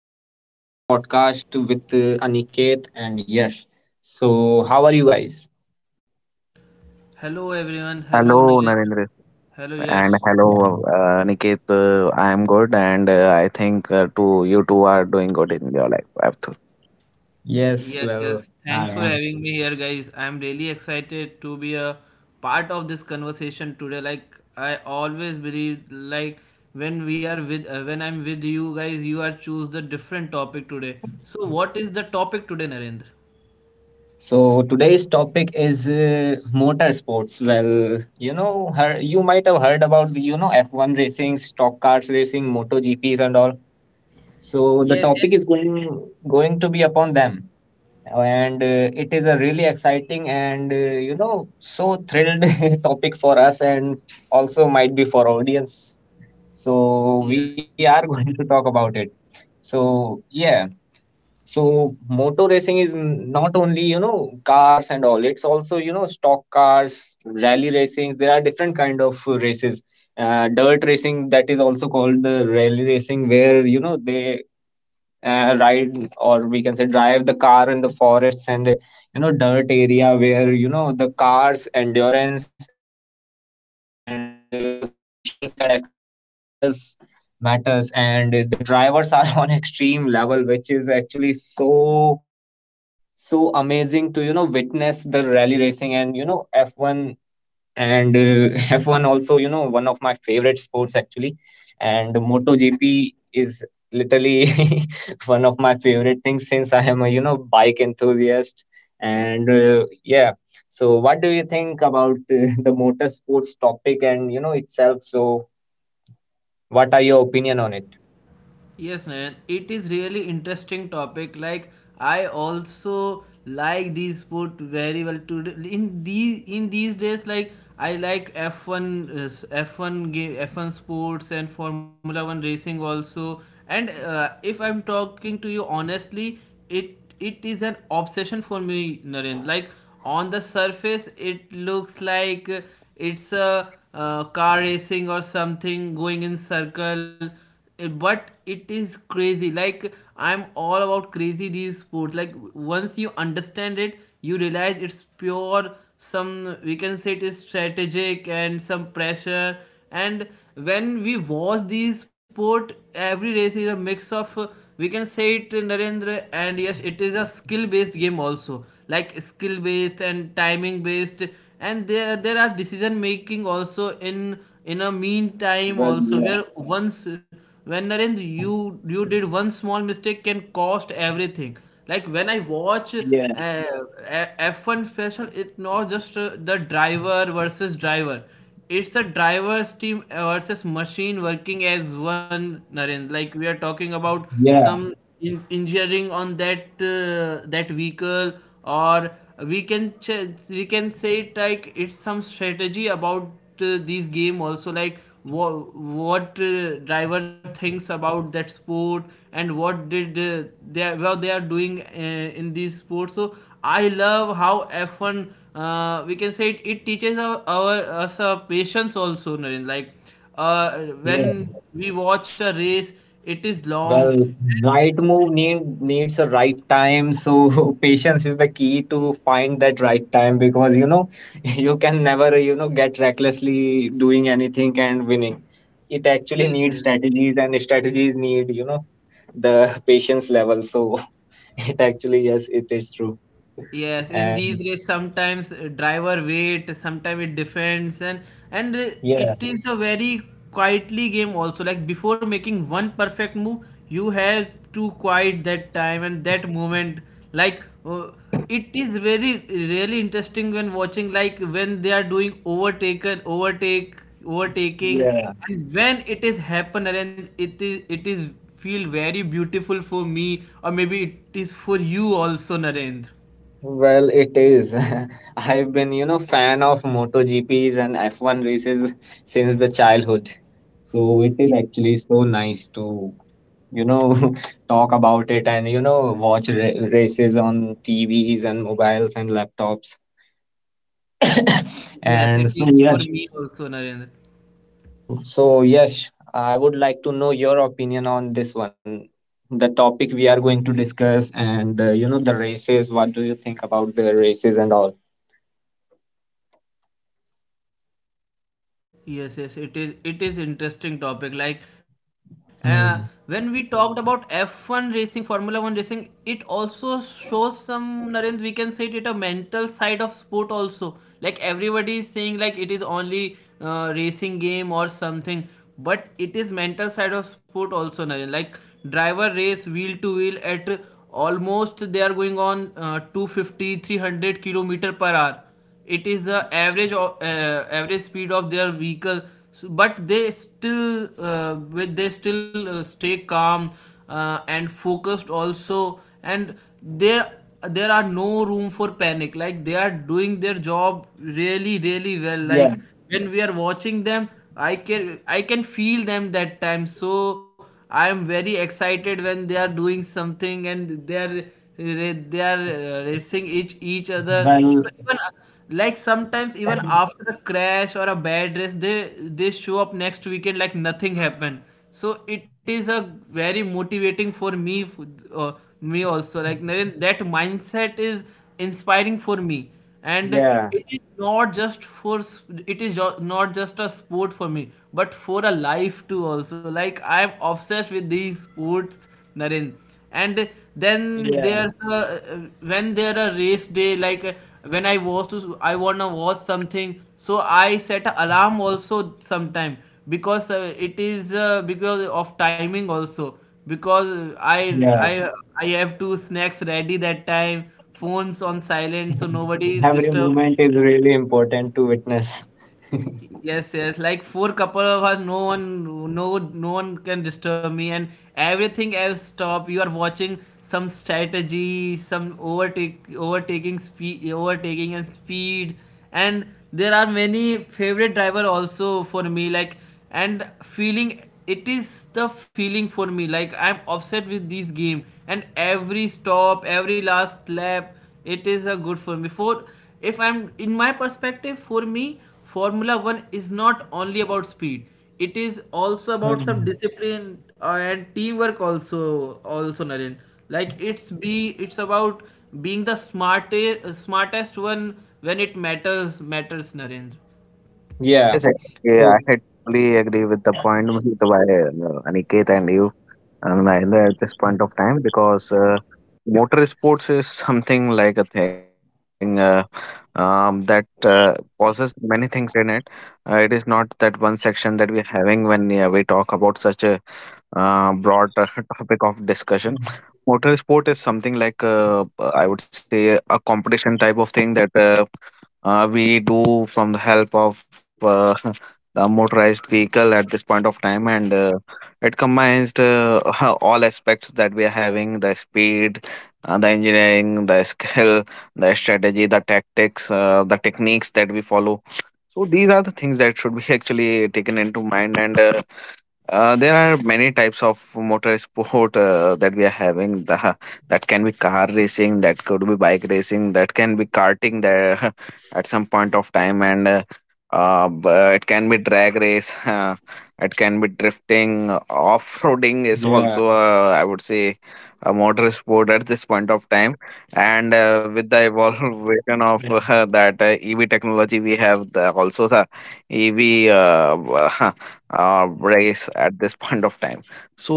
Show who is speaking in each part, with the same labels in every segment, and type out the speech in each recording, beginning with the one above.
Speaker 1: to our another podcast with Aniket and Yash. So, how are you guys?
Speaker 2: Hello everyone. Hello
Speaker 3: Hello,
Speaker 2: Narendra.
Speaker 3: Narendra,
Speaker 2: Hello
Speaker 3: and
Speaker 2: Yash.
Speaker 1: Yeah,
Speaker 3: hello, Niket. I am good, and I think too, you two are doing good in your life. Abdul.
Speaker 1: yes,
Speaker 2: Yes,
Speaker 1: well,
Speaker 2: yes. Thanks
Speaker 1: I
Speaker 2: for
Speaker 1: am.
Speaker 2: having me here, guys. I'm really excited to be a part of this conversation today. I always believe, like when we are with, when I'm with you guys, you are choose the different topic today. So what is the topic today, Narendra?
Speaker 1: So today's topic is motorsports. Well, you might have heard about F1 racing, stock cars racing, MotoGPs and all. So the
Speaker 2: Yes, yes,
Speaker 1: topic is going to be upon them. And it is a really exciting and so thrilled topic for us, and also might be for audience, so
Speaker 2: yes.
Speaker 1: we are going to talk about it. So yeah, so motor racing is not only cars and all. It's also stock cars, rally racings. There are different kind of races. Dirt racing, that is also called the rally racing, where they ride, or we can say drive, the car in the forests and dirt area, where the car's endurance and suspensions and acceleration all does matters. And the drivers are on extreme level, which is actually so amazing to witness the rally racing. And f1 and F1 also, one of my favorite sports actually. And MotoGP is literally one of my favorite things, since I am a bike enthusiast. And yeah, so what do you think about the motorsports topic and itself? So what are your opinion on it?
Speaker 2: Yes, Nayan, it is really interesting topic. Like I also like these sport very well today. In these days, like I like F one game, F one sports and Formula One racing also. And if I'm talking to you honestly, it is an obsession for me, Naren. Like on the surface, it looks like it's a car racing or something going in circle but it is crazy, like I'm all about crazy these sports. Like once you understand it,
Speaker 1: Mm.
Speaker 2: you realize it's pure, some we can say it is strategic and some pressure, and when we watch these sport, every race is a mix of, we can say it, Narendra. And yes, it is a skill based game also, like skill based and timing based, and there are decision making also in a meantime
Speaker 1: Well,
Speaker 2: also,
Speaker 1: yeah,
Speaker 2: where once when Narendra you you did one small mistake can cost everything. Like when I watch,
Speaker 1: yeah,
Speaker 2: F1 special, it's not just the driver versus driver, it's the driver's team versus machine working as one, Narendra. Like we are talking about
Speaker 1: yeah,
Speaker 2: some, in injuring on that, that vehicle, or we can say it like it's some strategy about, these game also. Like what driver thinks about that sport, and what did, what they are doing, in these sports. So I love how F1, we can say it, it teaches our us a patience also, Naren. Like uh,
Speaker 1: yeah.
Speaker 2: when we watch a race, it is long.
Speaker 1: Well, right move needs a right time. So patience is the key to find that right time, because you can never get recklessly doing anything and winning. It actually
Speaker 2: Yes,
Speaker 1: needs
Speaker 2: yes.
Speaker 1: strategies, and strategies need the patience level. So it actually, yes, it is true.
Speaker 2: Yes, in these
Speaker 1: And
Speaker 2: days, sometimes driver wait, sometimes it defends, and
Speaker 1: yeah,
Speaker 2: it is a very quietly game also. Like before making one perfect move, you have to quiet that time and that moment. Like it is very really interesting when watching. Like when they are doing overtaking,
Speaker 1: yeah.
Speaker 2: and when it is happen and it is feel very beautiful for me, or maybe it is for you also, Narendra.
Speaker 1: Well, it is. I've been, fan of MotoGPs and F1 races since the childhood. So it is
Speaker 2: Y-
Speaker 1: actually so nice to, you know, talk about it and watch ra races on TVs and mobiles and laptops.
Speaker 2: Yes,
Speaker 1: And
Speaker 2: it
Speaker 1: so,
Speaker 2: is for
Speaker 1: yes,
Speaker 2: me also, Narendra.
Speaker 1: so yes, I would like to know your opinion on this one. The topic we are going to discuss and the races. What do you think about the races and all?
Speaker 2: It is interesting topic. Like uh, when we
Speaker 1: Hmm.
Speaker 2: talked about F1 racing, Formula One racing, it also shows some, Narendra. We can say it a mental side of sport also. Like everybody is saying, like it is only racing game or something, but it is mental side of sport also, Narendra. Like driver race wheel to wheel at almost they are going on, 250 kilometer per hour. It is the average of, average speed of their vehicle. So, but they still, with they still, stay calm and focused also, and there there are no room for panic. Like they are doing their job
Speaker 1: Yeah,
Speaker 2: really really well. Like when we are watching them, I can feel them that time. So I am very excited when they are doing something, and they are racing each other
Speaker 1: well,
Speaker 2: so even, like sometimes, even after a crash or a bad race, they show up next weekend like nothing happened. So it is a very motivating for me, uh, me also, like Naren, that mindset is inspiring for me. And
Speaker 1: yeah,
Speaker 2: it is not just not just a sport for me but for a life too also. Like I am obsessed with these sports, Naren. And
Speaker 1: yeah,
Speaker 2: then there's a, when there a race day, like when I was to I wanna watch something, so I set a alarm also sometime, because it is, because of timing also. Because i
Speaker 1: yeah.
Speaker 2: i I have two snacks ready that time, phones on silent so nobody
Speaker 1: Every
Speaker 2: disturbs.
Speaker 1: movement is really important to witness.
Speaker 2: Yes. Like for couple of hours, no one, no one can disturb me, and everything else stop. You are watching some strategy, some overtaking and speed, and there are many favorite driver also for me. Like and feeling, it is the feeling for me. Like I'm upset with this game, and every stop, every last lap, it is a good for me. For if I'm in my perspective, for me Formula One is not only about speed. It is also about some
Speaker 1: Hmm.
Speaker 2: discipline and teamwork also, Naren. Like it's about being the smartest one when it matters, Narendra.
Speaker 1: Yeah.
Speaker 3: Yes, I, yeah, I
Speaker 1: So,
Speaker 3: totally agree with the point made by Niket and you. And neither at this
Speaker 1: yeah,
Speaker 3: point of time because motor sports is something like a thing that causes many things in it. It is not that one section that we're having when we talk about such a broad topic of discussion. Motor sport is something like I would say a competition type of thing that we do from the help of a motorized vehicle at this point of time and it combines the, all aspects that we are having: the speed, the engineering, the skill, the strategy, the tactics, the techniques that we follow. So, these are the things that should be actually taken into mind, and there are many types of motor sport that we are having. That can be car racing, that could be bike racing, that can be karting there at some point of time, and uh, b- it can be drag race. It can be drifting.
Speaker 1: yeah,
Speaker 3: Off-roading is also, I would say, a motor sport at this point of time. And with the
Speaker 1: yeah.
Speaker 3: evolution of that EV technology, we have the, also the EV. Uh, race at this point of time. So,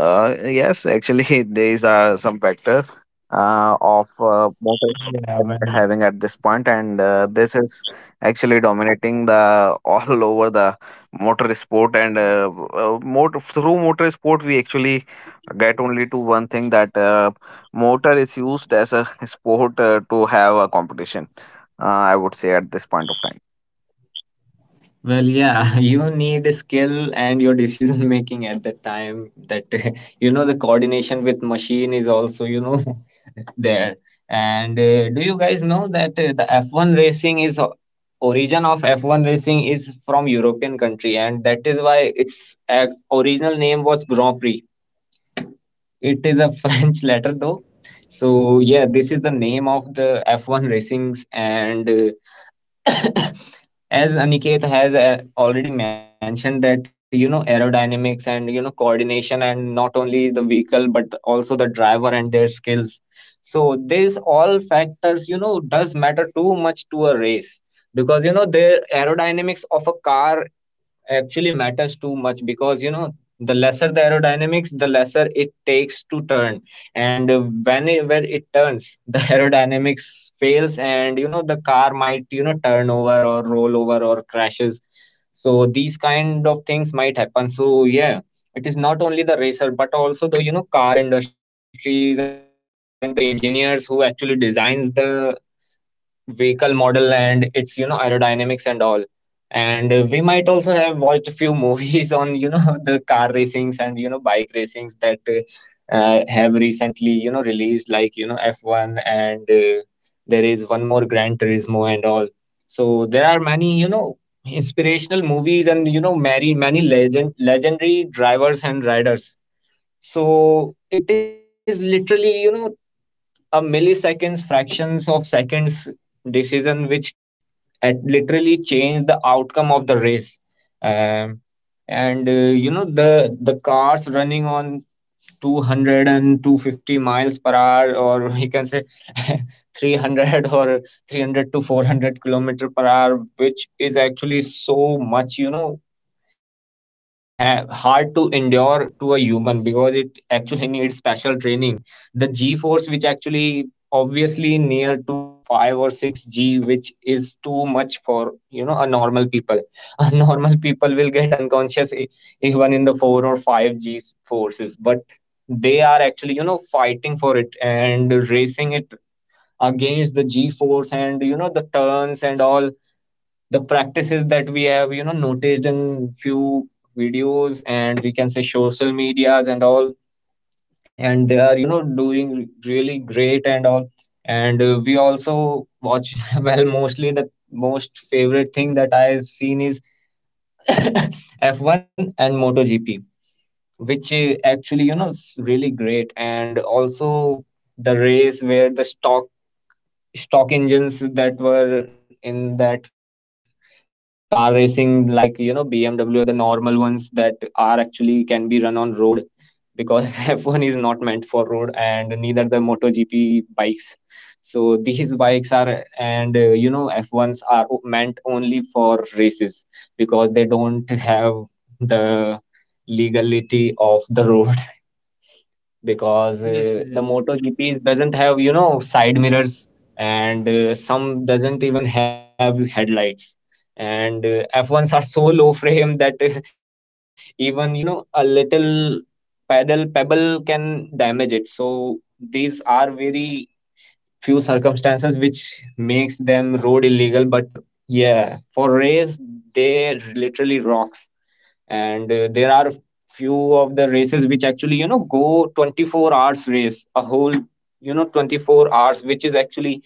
Speaker 3: yes, actually, these are some factors of
Speaker 1: Yeah.
Speaker 3: motivation
Speaker 1: When
Speaker 3: that we're having at this point, and this is actually dominating the all over the motor sport. And motor through motor sport, we actually get only to one thing that motor is used as a sport to have a competition. I would say at this point of time.
Speaker 1: Well, yeah, you need skill and your decision making at the time, that the coordination with machine is also there. And do you guys know that the F1 racing is o- origin of F1 racing is from European country, and that is why its original name was Grand Prix. It is a French letter though. So yeah, this is the name of the F1 racings. And as Aniket has already mentioned, that aerodynamics and coordination, and not only the vehicle but also the driver and their skills, so these all factors does matter too much to a race, because the aerodynamics of a car actually matters too much, because the lesser the aerodynamics, the lesser it takes to turn. And when where it turns, the aerodynamics fails, and the car might turn over or roll over or crashes. So these kind of things might happen. So yeah, it is not only the racer but also the car industries and the engineers who actually designs the vehicle model and its aerodynamics and all. And we might also have watched few movies on the car racings and bike racings that have recently released, like f1 and there is one more Gran Turismo and all. So there are many inspirational movies and many legendary drivers and riders. So it is literally, a milliseconds, fractions of seconds decision, which at literally change the outcome of the race. Um, and the cars running on two hundred and two fifty miles per hour, or you can say 300 or 300 to 400 kilometer per hour, which is actually so much uh, hard to endure to a human, because it actually needs special training. The G force, which actually obviously near to 5 or 6 G, which is too much for a normal people. A normal people will get unconscious even in the 4 or 5 G forces, but they are actually fighting for it and racing it against the G force, and the turns and all, the practices that we have noticed in few videos, and we can say social medias and all. And they are doing really great and all. And we also watch well, mostly the most favorite thing that I've seen is f1 and motogp, which actually is really great, and also the race where the stock engines that were in that car racing, like BMW, the normal ones that are actually can be run on road, because f1 is not meant for road, and neither the motogp bikes. So these bikes are, and f1s are meant only for races, because they don't have the legality of the road. Because
Speaker 2: Yes, yes.
Speaker 1: the MotoGPs doesn't have side mirrors, and some doesn't even have headlights, and F1s are so low frame that even a little pedal pebble can damage it. So these are very few circumstances which makes them road illegal, but yeah, for race they literally rocks. And there are few of the races which actually go 24 hours race, a whole 24 hours, which is actually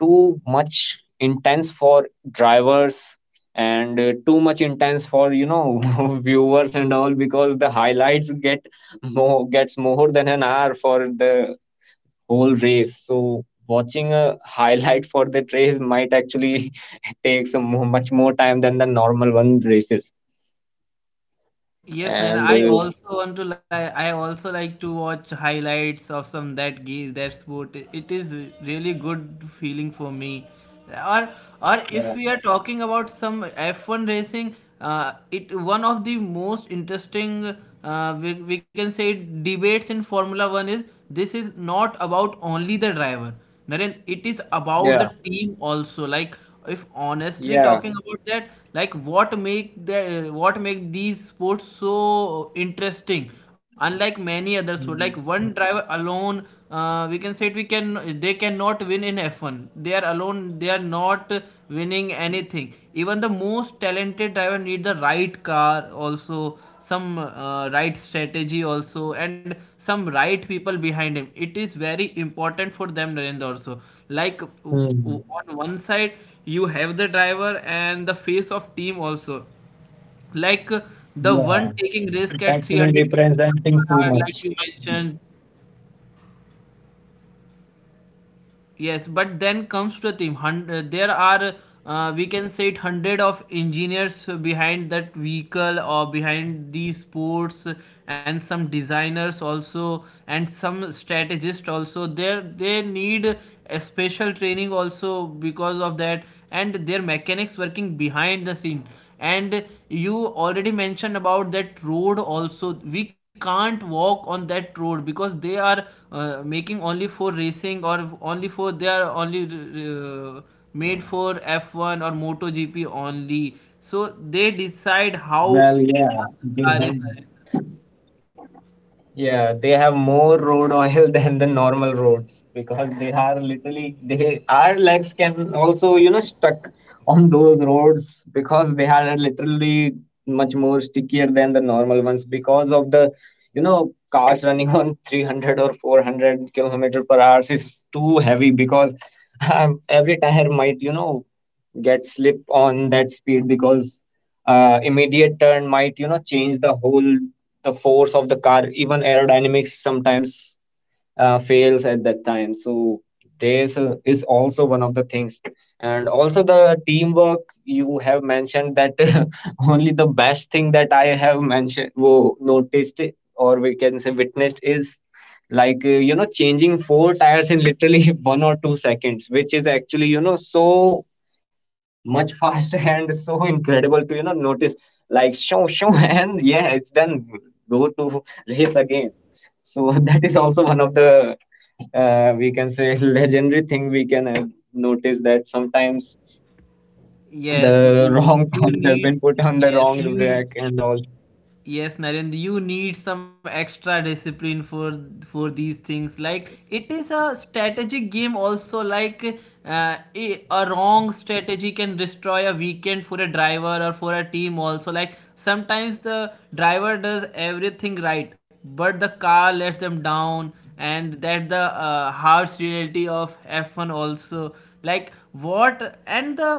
Speaker 1: too much intense for drivers, and too much intense for viewers and all, because the highlights get more gets more than an hour for the whole race. So watching a highlight for that race might actually take much more time than the normal one races.
Speaker 2: Yes, Naina. I
Speaker 1: And
Speaker 2: also want to like. I also like to watch highlights of some that game, that sport. It is really good feeling for me. Or, or if we
Speaker 1: Yeah,
Speaker 2: are talking about some F1 racing, it one of the most interesting. We can say debates in Formula One is this is not about only the driver. Naren, it is about the
Speaker 1: yeah,
Speaker 2: team also. Like if honestly talking
Speaker 1: yeah.
Speaker 2: about that, like what make these sports so interesting, unlike many other sports, like one
Speaker 1: Mm,
Speaker 2: driver alone, we can say it, we can they cannot win in F1. They are alone, they are not winning anything. Even the most talented driver need the right car also, some right strategy also, and some right people behind him. It is very important for them, Narendra. Also like on
Speaker 1: mm,
Speaker 2: one side, you have the driver and the face of team also. Like the one taking
Speaker 1: yeah.
Speaker 2: risk at
Speaker 1: It
Speaker 2: 300
Speaker 1: actually
Speaker 2: kilometers per hour, like
Speaker 1: representing
Speaker 2: you
Speaker 1: too much.
Speaker 2: mentioned. Yes, but then comes to the team. Hundred, there are we can say it hundred of engineers behind that vehicle or behind these sports, and some designers also, and some strategists also. There they need a special training also because of that, and their mechanics working behind the scene. And you already mentioned about that road also. We can't walk on that road because they are making only for racing, or only for they are only made for F1 or MotoGP only. So they decide how
Speaker 1: Well, yeah,
Speaker 2: fast the car is.
Speaker 1: yeah, they have more road oil than the normal roads, because they are literally they our legs can also stuck on those roads, because they are literally much more stickier than the normal ones, because of the cars running on 300 or 400 kilometer per hours is too heavy, because every tire might get slip on that speed, because immediate turn might change the whole the force of the car, even aerodynamics sometimes fails at that time. So this is also one of the things. And also the teamwork you have mentioned, that only the best thing that I have noticed, or we can say witnessed, is like changing four tires in literally 1 or 2 seconds, which is actually so much faster and so incredible to notice, like, show and yeah, it's done, go to race again. So that is also one of the we can say legendary thing we can notice, that sometimes the
Speaker 2: Yes,
Speaker 1: wrong
Speaker 2: y-
Speaker 1: pants have
Speaker 2: you
Speaker 1: been put
Speaker 2: need.
Speaker 1: on the wrong
Speaker 2: Yes,
Speaker 1: rack
Speaker 2: you.
Speaker 1: and all.
Speaker 2: Yes, Narendra, you need some extra discipline for these things. Like it is a strategic game also. Like a wrong strategy can destroy a weekend for a driver or for a team also. Like sometimes the driver does everything right, but the car lets them down, and that the harsh reality of F1 also. Like what and the.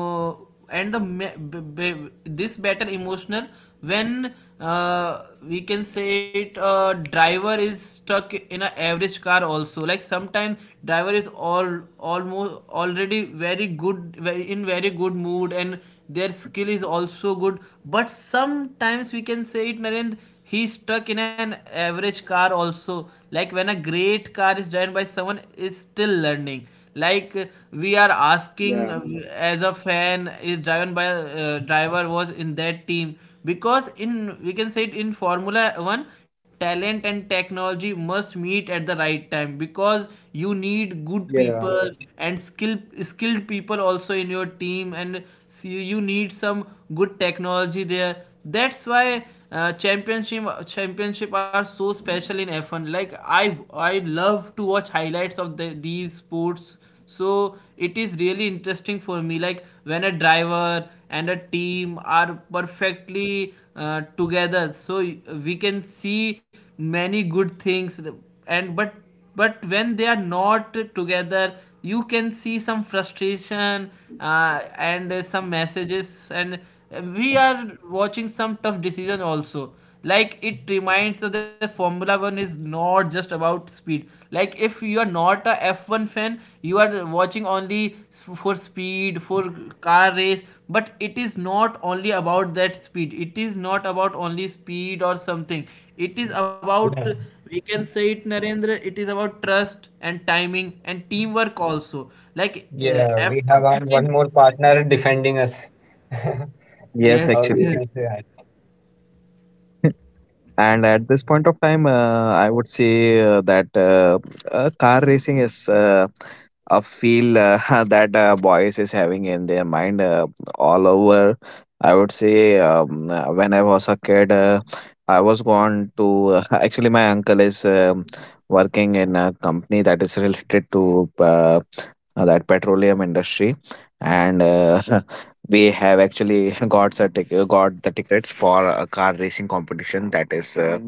Speaker 2: Uh, and the this better emotional when we can say it, driver is stuck in an average car also. Like sometimes driver is all almost already very good, in very good mood, and their skill is also good, but sometimes we can say it, Narendra, he's stuck in an average car also. Like when a great car is driven by someone is still learning, like we are
Speaker 1: Yeah,
Speaker 2: asking, as a fan, is driven by driver was in that team, because in we can say it in formula 1, talent and technology must meet at the right time, because you need
Speaker 1: yeah,
Speaker 2: good people and skilled people also in your team. And see, you need some good technology there. That's why championship are so special in F1. Like I love to watch highlights of the, these sports. So it is really interesting for me. Like when a driver and a team are perfectly together, so we can see many good things. And but when they are not together, you can see some frustration and some messages, and we are watching some tough decision also. Like it reminds us that formula 1 is not just about speed. Like if you are not a F1 fan, you are watching only for speed, for car race, but it is not only about that speed. It is not about only speed or something, it is about,
Speaker 1: yeah.
Speaker 2: we can say it, Narendra, it is about trust and timing and teamwork also. Like
Speaker 1: Yeah. We
Speaker 2: F1
Speaker 1: have our
Speaker 2: teaches,
Speaker 1: one more partner defending us,
Speaker 3: Yes,
Speaker 2: yes,
Speaker 1: or we
Speaker 3: actually.
Speaker 2: yes,
Speaker 1: can say that.
Speaker 3: And at this point of time, I would say that car racing is a feel that boys is having in their mind all over. I would say when I was a kid, I was gone to actually my uncle is working in a company that is related to that petroleum industry, and we have actually got the tickets for a car racing competition that is uh,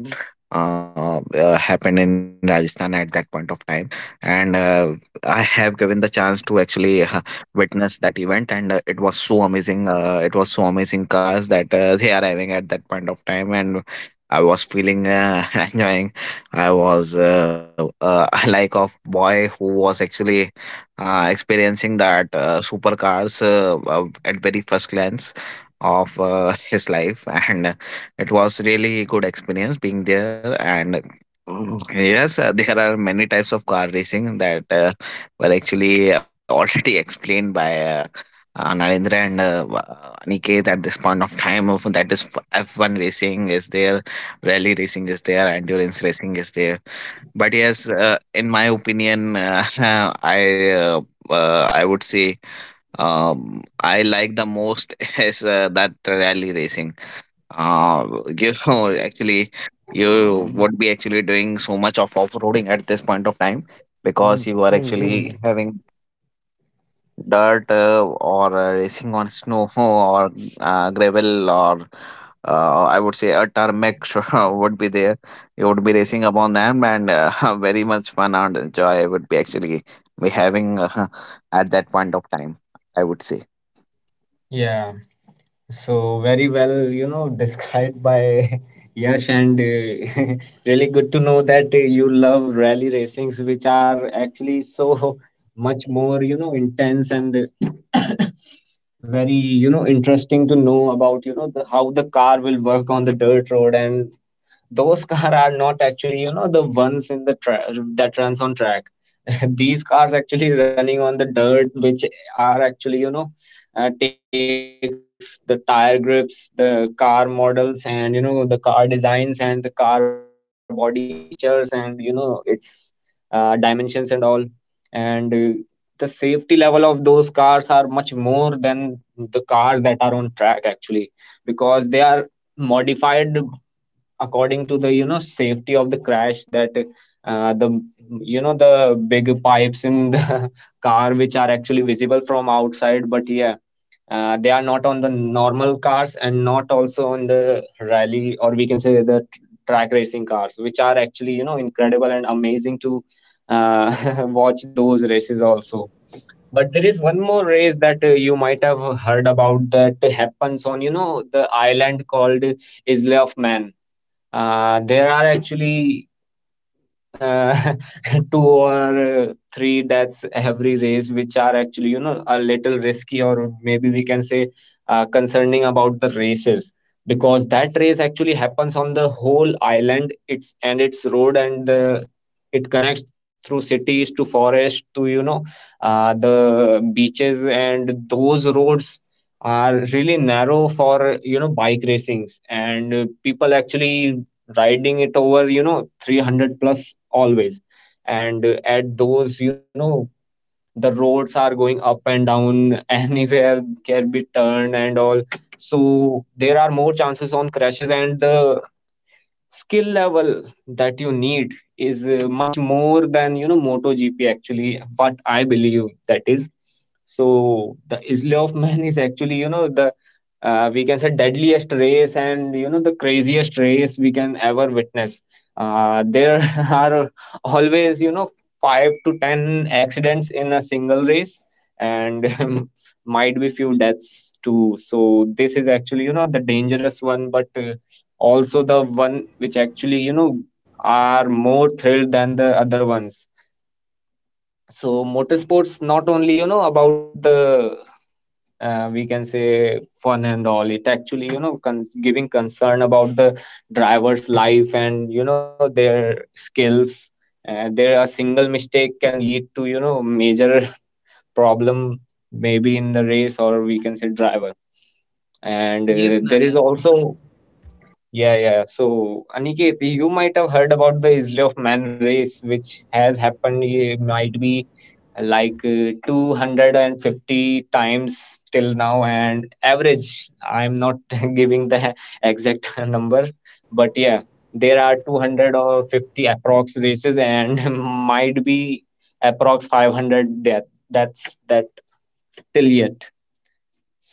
Speaker 3: uh, uh, happened in Rajasthan at that point of time, and I have given the chance to actually witness that event, and it was so amazing. It was so amazing cars that they are having at that point of time, and I was feeling enjoying. I was like of boy who was actually experiencing that supercars at very first glance of his life, and it was really good experience being there, and mm, yes, there are many types of car racing that were actually already explained by Narendra and Aniket at this point of time. That is, F one racing is there, rally racing is there, endurance racing is there. But yes, in my opinion, I uh, I would say I like the most is that rally racing uh, you know, actually you would be actually doing so much of off-roading at this point of time, because you are actually having dirt or racing on snow or gravel or I would say a tarmac sure would be there. You would be racing upon them, and very much fun and joy would be actually be having at that point of time. I would say.
Speaker 1: Yeah. So, very well, described by Yash, and really good to know that you love rally racings, which are actually so much more, intense and uh, very, interesting to know about, how the car will work on the dirt road, and those cars are not actually the ones in the that runs on track. These cars actually running on the dirt, which are actually takes the tire grips, the car models, and the car designs, and the car body features, and its dimensions and all. And the safety level of those cars are much more than the cars that are on track, actually, because they are modified according to the safety of the crash, that the the big pipes in the car, which are actually visible from outside. But yeah, they are not on the normal cars and not also on the rally, or we can say the track racing cars, which are actually incredible and amazing to uh, watch those races also. But there is one more race that you might have heard about, that happens on, the island called Isle of Man. There are actually uh, two or three deaths every race, which are actually, a little risky, or maybe we can say concerning about the races, because that race actually happens on the whole island. It's And its road and the it connects through cities to forest to the beaches. And those roads are really narrow for bike racings, and people actually riding it over 300 plus always. And at those, the roads are going up and down. Anywhere can be turned and all, so there are more chances on crashes. And the skill level that you need is much more than MotoGP, actually, what I believe that is. So the Isle of Man is actually the we can say deadliest race, and the craziest race we can ever witness. There are always 5 to 10 accidents in a single race, and might be few deaths too. So this is actually the dangerous one, but also the one which actually are more thrilled than the other ones. So motorsports not only about the we can say fun and all, it actually giving concern about the driver's life, and their skills. There a single mistake can lead to major problem, maybe in the race, or we can say driver. and
Speaker 2: yes,
Speaker 1: uh, there is
Speaker 2: Narendra.
Speaker 1: also yeah, yeah. So, Aniket, you might have heard about the Isle of Man race, which has happened, eh, might be like 250 times till now, and average, I'm not giving the exact number, but yeah, there are 200 or 50 approx races, and might be approx 500 death. That's that till yet.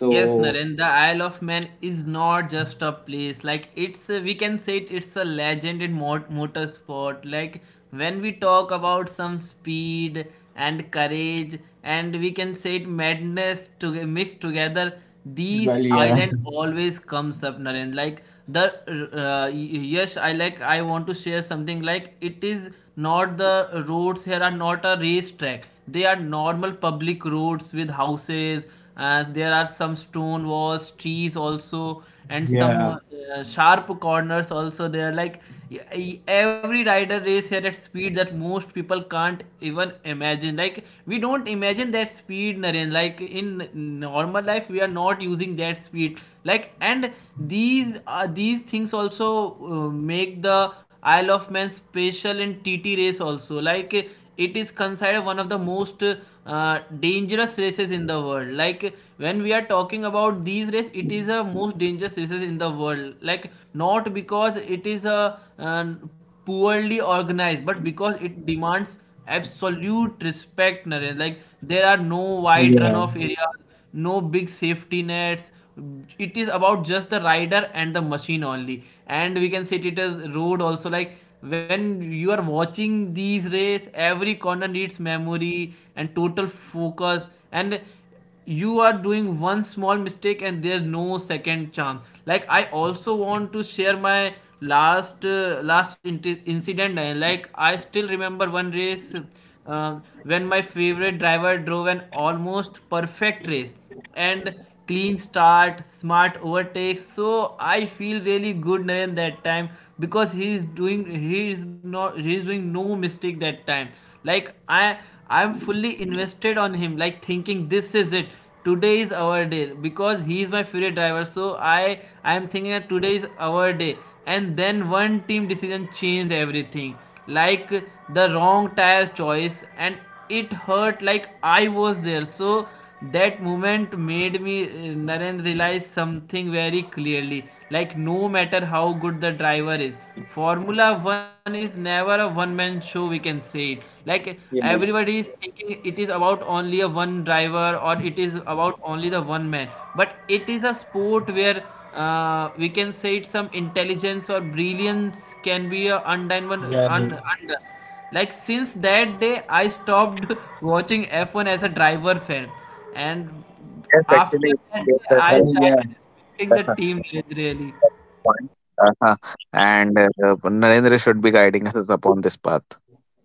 Speaker 2: Yes, Narendra, the Isle of Man is not just a place. Like it's, a, we can say it, it's a legend in motorsport. Like when we talk about some speed and courage, and we can say it madness to mixed together, these
Speaker 1: well, yeah,
Speaker 2: island always comes up, Narendra. Like the yes I like I want to share something. Like it is not the roads here are not a race track, they are normal public roads with houses, as there are some stone walls, trees also, and
Speaker 1: yeah,
Speaker 2: some sharp corners also. They are like, yeah, every rider race here at speed that most people can't even imagine. Like we don't imagine that speed, Naren. Like in normal life we are not using that speed, like. And these things also make the Isle of Man special in TT race also. Like it is considered one of the most dangerous races in the world. Like when we are talking about these race, it is a most dangerous races in the world. Like not because it is a poorly organized, but because it demands absolute respect, Naren. Like there are no
Speaker 1: yeah,
Speaker 2: wide runoff areas, no big safety nets. It is about just the rider and the machine only, and we can say it as road also. Like when you are watching these race, every corner needs memory and total focus, and you are doing one small mistake and there's no second chance. Like I also want to share my incident. Like I still remember one race, when my favorite driver drove an almost perfect race, and clean start, smart overtake. So I feel really good, Naren, that time, because he is doing, he is not, he is doing no mistake that time. Like I'm fully invested on him, like thinking this is it. Today is our day, because he is my favorite driver. So I am thinking that today is our day. And then one team decision changed everything, like the wrong tire choice, and it hurt, like I was there. So that moment made me Narendra, realize something very clearly. Like no matter how good the driver is, Formula One is never a one-man show. We can say it. Like
Speaker 1: yeah.
Speaker 2: everybody is thinking it is about only a one driver, or it is about only the one man. But it is a sport where we can say it, some intelligence or brilliance can be
Speaker 1: Yeah,
Speaker 2: undone. Like since that day, I stopped watching F1 as a driver fan, and
Speaker 3: Yes,
Speaker 2: after
Speaker 3: actually,
Speaker 2: that
Speaker 3: yes,
Speaker 2: day,
Speaker 3: sir.
Speaker 2: I
Speaker 1: well, yeah,
Speaker 2: started respecting the team really.
Speaker 3: point. Uh-huh. And Narendra should be guiding us upon this path.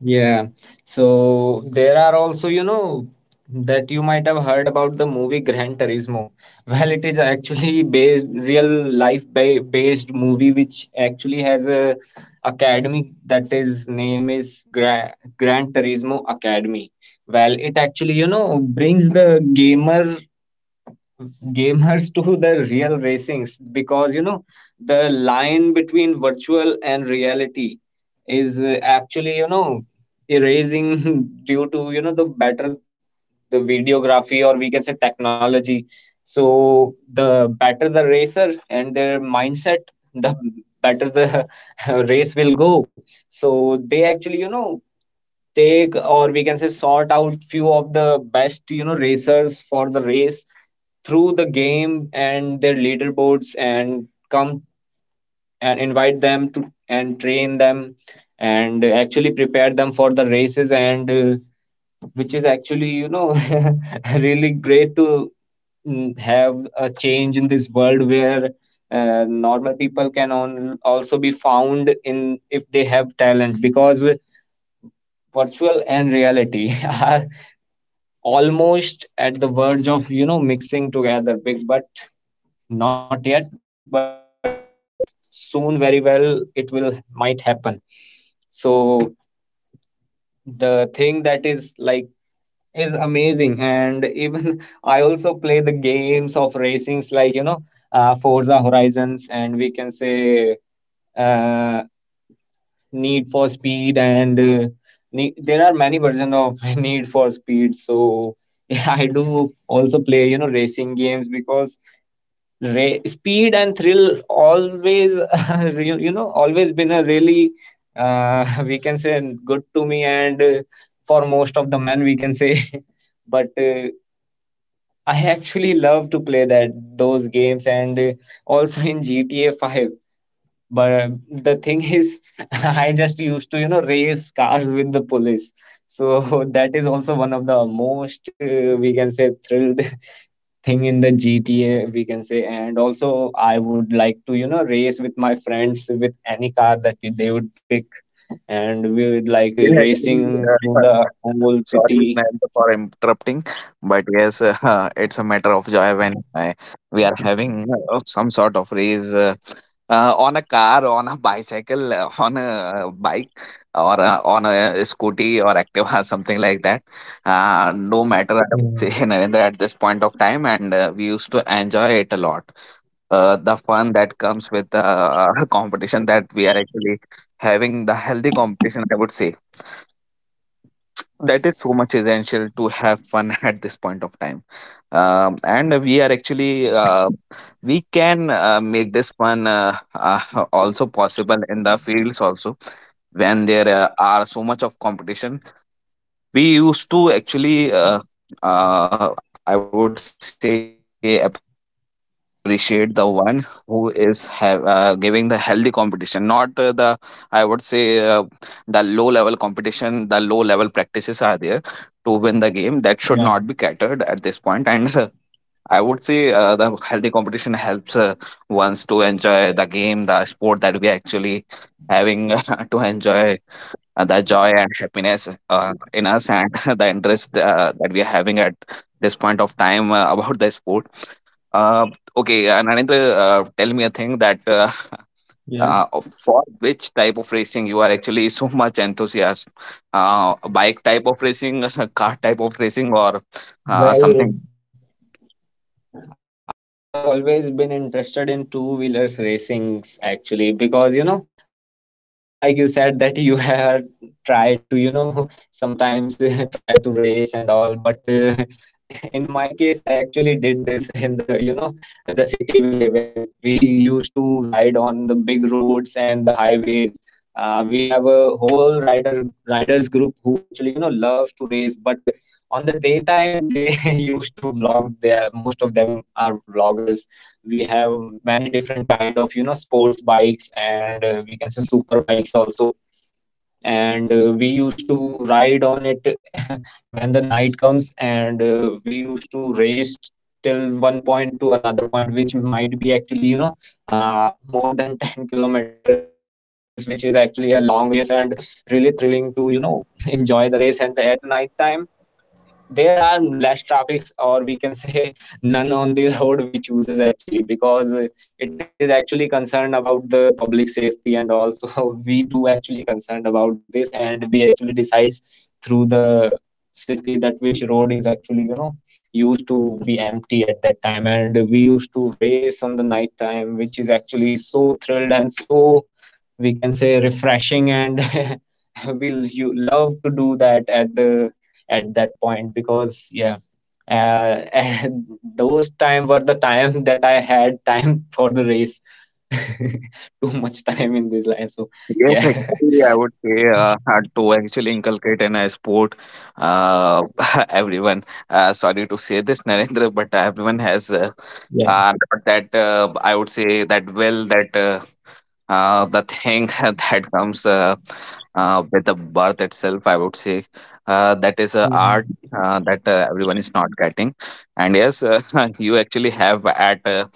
Speaker 1: yeah. So there are also, that you might have heard about the movie Gran Turismo. Well, it is actually based real life ba based movie, which actually has a academy that is name is Gran Turismo Academy. Well, it actually, brings the gamer gamers to the real racings, because the line between virtual and reality is actually erasing due to the better the videography, or we can say technology. So the better the racer and their mindset, the better the race will go. So they actually take, or we can say sort out, few of the best racers for the race through the game and their leaderboards, and come and invite them to and train them and actually prepare them for the races. And which is actually really great to have a change in this world where normal people can on, also be found in if they have talent, because virtual and reality are almost at the verge of mixing together big, but not yet, but soon very well it will might happen. So the thing that is like is amazing. And even I also play the games of racings, like Forza Horizons, and we can say uh, Need for Speed. And there are many versions of Need for Speed. So yeah, I do also play racing games, because speed and thrill always you know always been a really we can say good to me. And for most of the men, we can say but I actually love to play that those games. And also in GTA 5. But the thing is I just used to race cars with the police. So that is also one of the most we can say thrilled thing in the GTA, we can say. And also I would like to race with my friends with any car that they would pick, and we would like
Speaker 3: Yeah,
Speaker 1: racing
Speaker 3: actually,
Speaker 1: through
Speaker 3: uh, uh,
Speaker 1: the whole city.
Speaker 3: sorry Narendra for interrupting, but yes, it's a matter of joy when we are having some sort of race on a car, on a bicycle, on a bike, or on a scooty or Activa, something like that. No
Speaker 1: Yeah.
Speaker 3: matter, I would say, Narendra, at this point of time, and we used to enjoy it a lot. Uh, the fun that comes with the competition that we are actually having, the healthy competition, I would say. That is so much essential to have fun at this point of time. And we are actually, we can make this fun also possible in the fields also, when there are so much of competition. We used to actually I would say appreciate the one who is have giving the healthy competition, not the I would say uh, the low level competition, the low level practices are there to win the game, that should not be catered at this point. And
Speaker 1: Yeah,
Speaker 3: I would say the healthy competition helps ones to enjoy the game, the sport that we are actually having to enjoy the joy and happiness in us, and the interest that we are having at this point of time about the sport. Uh, okay, Narendra, tell me a thing that for which
Speaker 1: yeah.
Speaker 3: type of racing you are actually so much enthusiast? Bike type of racing, car type of racing, or something?
Speaker 1: Well, I have always been interested in two wheelers racings, actually, because uh, just like you said that you have tried to sometimes try to race and all, but in my case I actually did this in the the city we live in. We used to ride on the big roads and the highways. We have a whole riders group who actually loves to race, but on the daytime they used to vlog. There, most of them are vloggers. We have many different kind of sports bikes, and we can say super bikes also. And we used to ride on it when the night comes. And we used to race till one point to another point, which might be actually more than 10 kilometers, which is actually a long race, and really thrilling to enjoy the race. And at the night time there are less traffics, or we can say none on the road we chooses, actually, because it is actually concerned about the public safety. And also we do actually concerned about this, and we actually decides through the city that which road is actually used to be empty at that time, and we used to race on the night time, which is actually so thrilled, and so we can say refreshing. And we'll you love to do that at the at that point, because yeah, and those time were the time that I had time for the race, too much time in this line. So
Speaker 3: Yes,
Speaker 1: yeah,
Speaker 3: actually, I would say hard to actually inculcate in a sport, uh, everyone, sorry to say this, Narendra, but everyone has
Speaker 1: yeah.
Speaker 3: are not that I would say that will that the thing that comes with the birth itself. I would say that is a
Speaker 1: Mhm.
Speaker 3: art that everyone is not getting, and yes, you actually have at. Uh,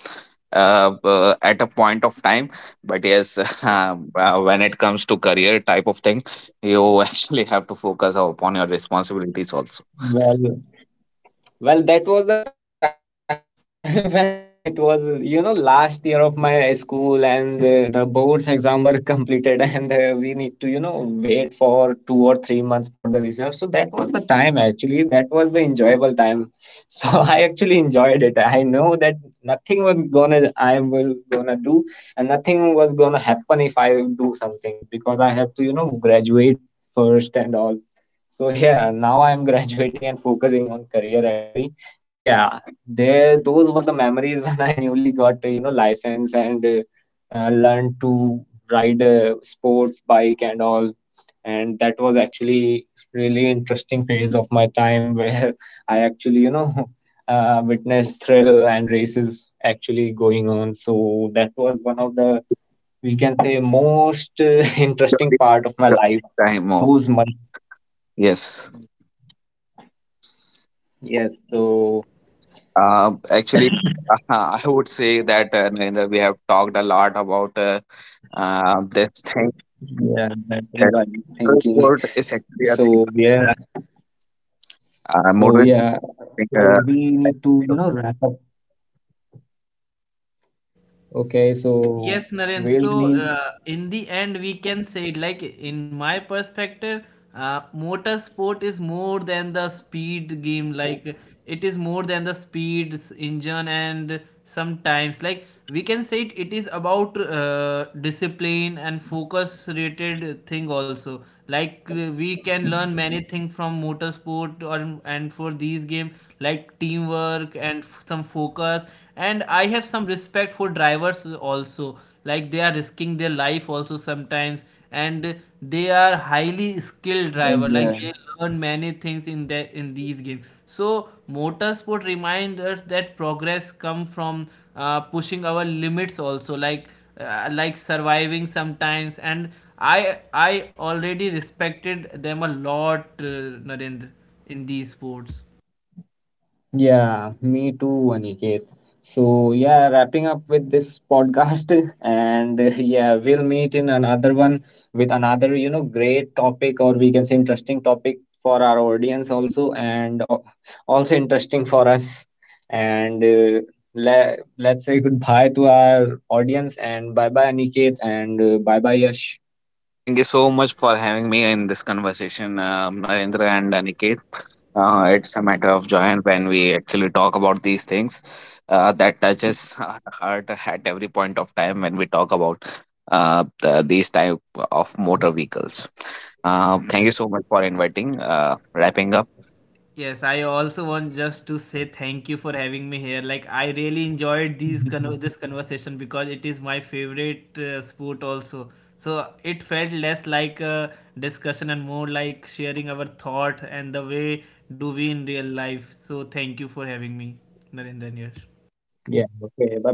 Speaker 3: uh, uh, At a point of time, but yes, when it comes to career type of thing, you actually have to focus upon your responsibilities also.
Speaker 1: Well, well, that was the time when it was, last year of my school. And the board's exam were completed. And we need to, wait for two or three months for the results. So that was the time, actually. That was the enjoyable time. So I actually enjoyed it. I know that nothing was gonna, I will gonna do, and nothing was gonna happen if I do something, because I have to, graduate first and all. So yeah, now I'm graduating and focusing on career, actually. But yeah, there those were the memories when I newly got license. And learned to ride a sports bike and all, and that was actually really interesting phase of my time, where I actually witnessed thrill and races actually going on. So that was one of the we can say most interesting
Speaker 3: During-
Speaker 1: part of my life,
Speaker 3: during time of,
Speaker 1: those months.
Speaker 3: yes.
Speaker 1: Yes, so
Speaker 3: Actually, I would say that Narendra, we have talked a lot about this
Speaker 1: yeah.
Speaker 3: thing.
Speaker 1: That is what I'm
Speaker 3: Uh,
Speaker 1: thinking.
Speaker 3: Self-worth is
Speaker 1: So
Speaker 3: actually a
Speaker 1: yeah,
Speaker 3: thing.
Speaker 1: so yeah,
Speaker 3: Motivating.
Speaker 1: so we
Speaker 3: Uh,
Speaker 1: need to wrap up. Okay, so
Speaker 2: Yes, Naren.
Speaker 1: we'll
Speaker 2: So,
Speaker 1: need
Speaker 2: in the end, we can say, like, in my perspective, motorsport is more than the speed game. Like, it is more than the engine, and sometimes, like, we can say it, it is about discipline and focus rated thing also. Like, we can learn many things from motorsport, or and for these game, like teamwork and some focus, and I have some respect for drivers also, like they are risking their life also sometimes, and they are highly skilled driver. Like
Speaker 1: yeah.
Speaker 2: they learn many things in that, in these games. So motorsport reminds us that progress come from pushing our limits also, like surviving sometimes. And I already respected them a lot, Narendra, in these sports.
Speaker 1: Yeah, me too, Aniket. So, yeah, wrapping up with this podcast, and yeah, we'll meet in another one with another, great topic, or we can say interesting topic for our audience also, and also interesting for us. And le let's say goodbye to our audience, and bye bye, Aniket, and bye bye, Yash.
Speaker 3: Thank you so much for having me in this conversation, Narendra and Aniket. It's a matter of joy when we actually talk about these things that touches our heart at every point of time when we talk about these type of motor vehicles. Thank you
Speaker 2: Yes.
Speaker 3: so much for inviting. Wrapping up.
Speaker 2: Yes, I also want just to say thank you for having me here. Like I really enjoyed this conversation, because it is my favorite sport also. So it felt less like a discussion and more like sharing our thought and the way do we in real life. So thank you for having me, Narendra and
Speaker 1: Yeah,
Speaker 2: Yash.
Speaker 1: okay, bye bye, guys.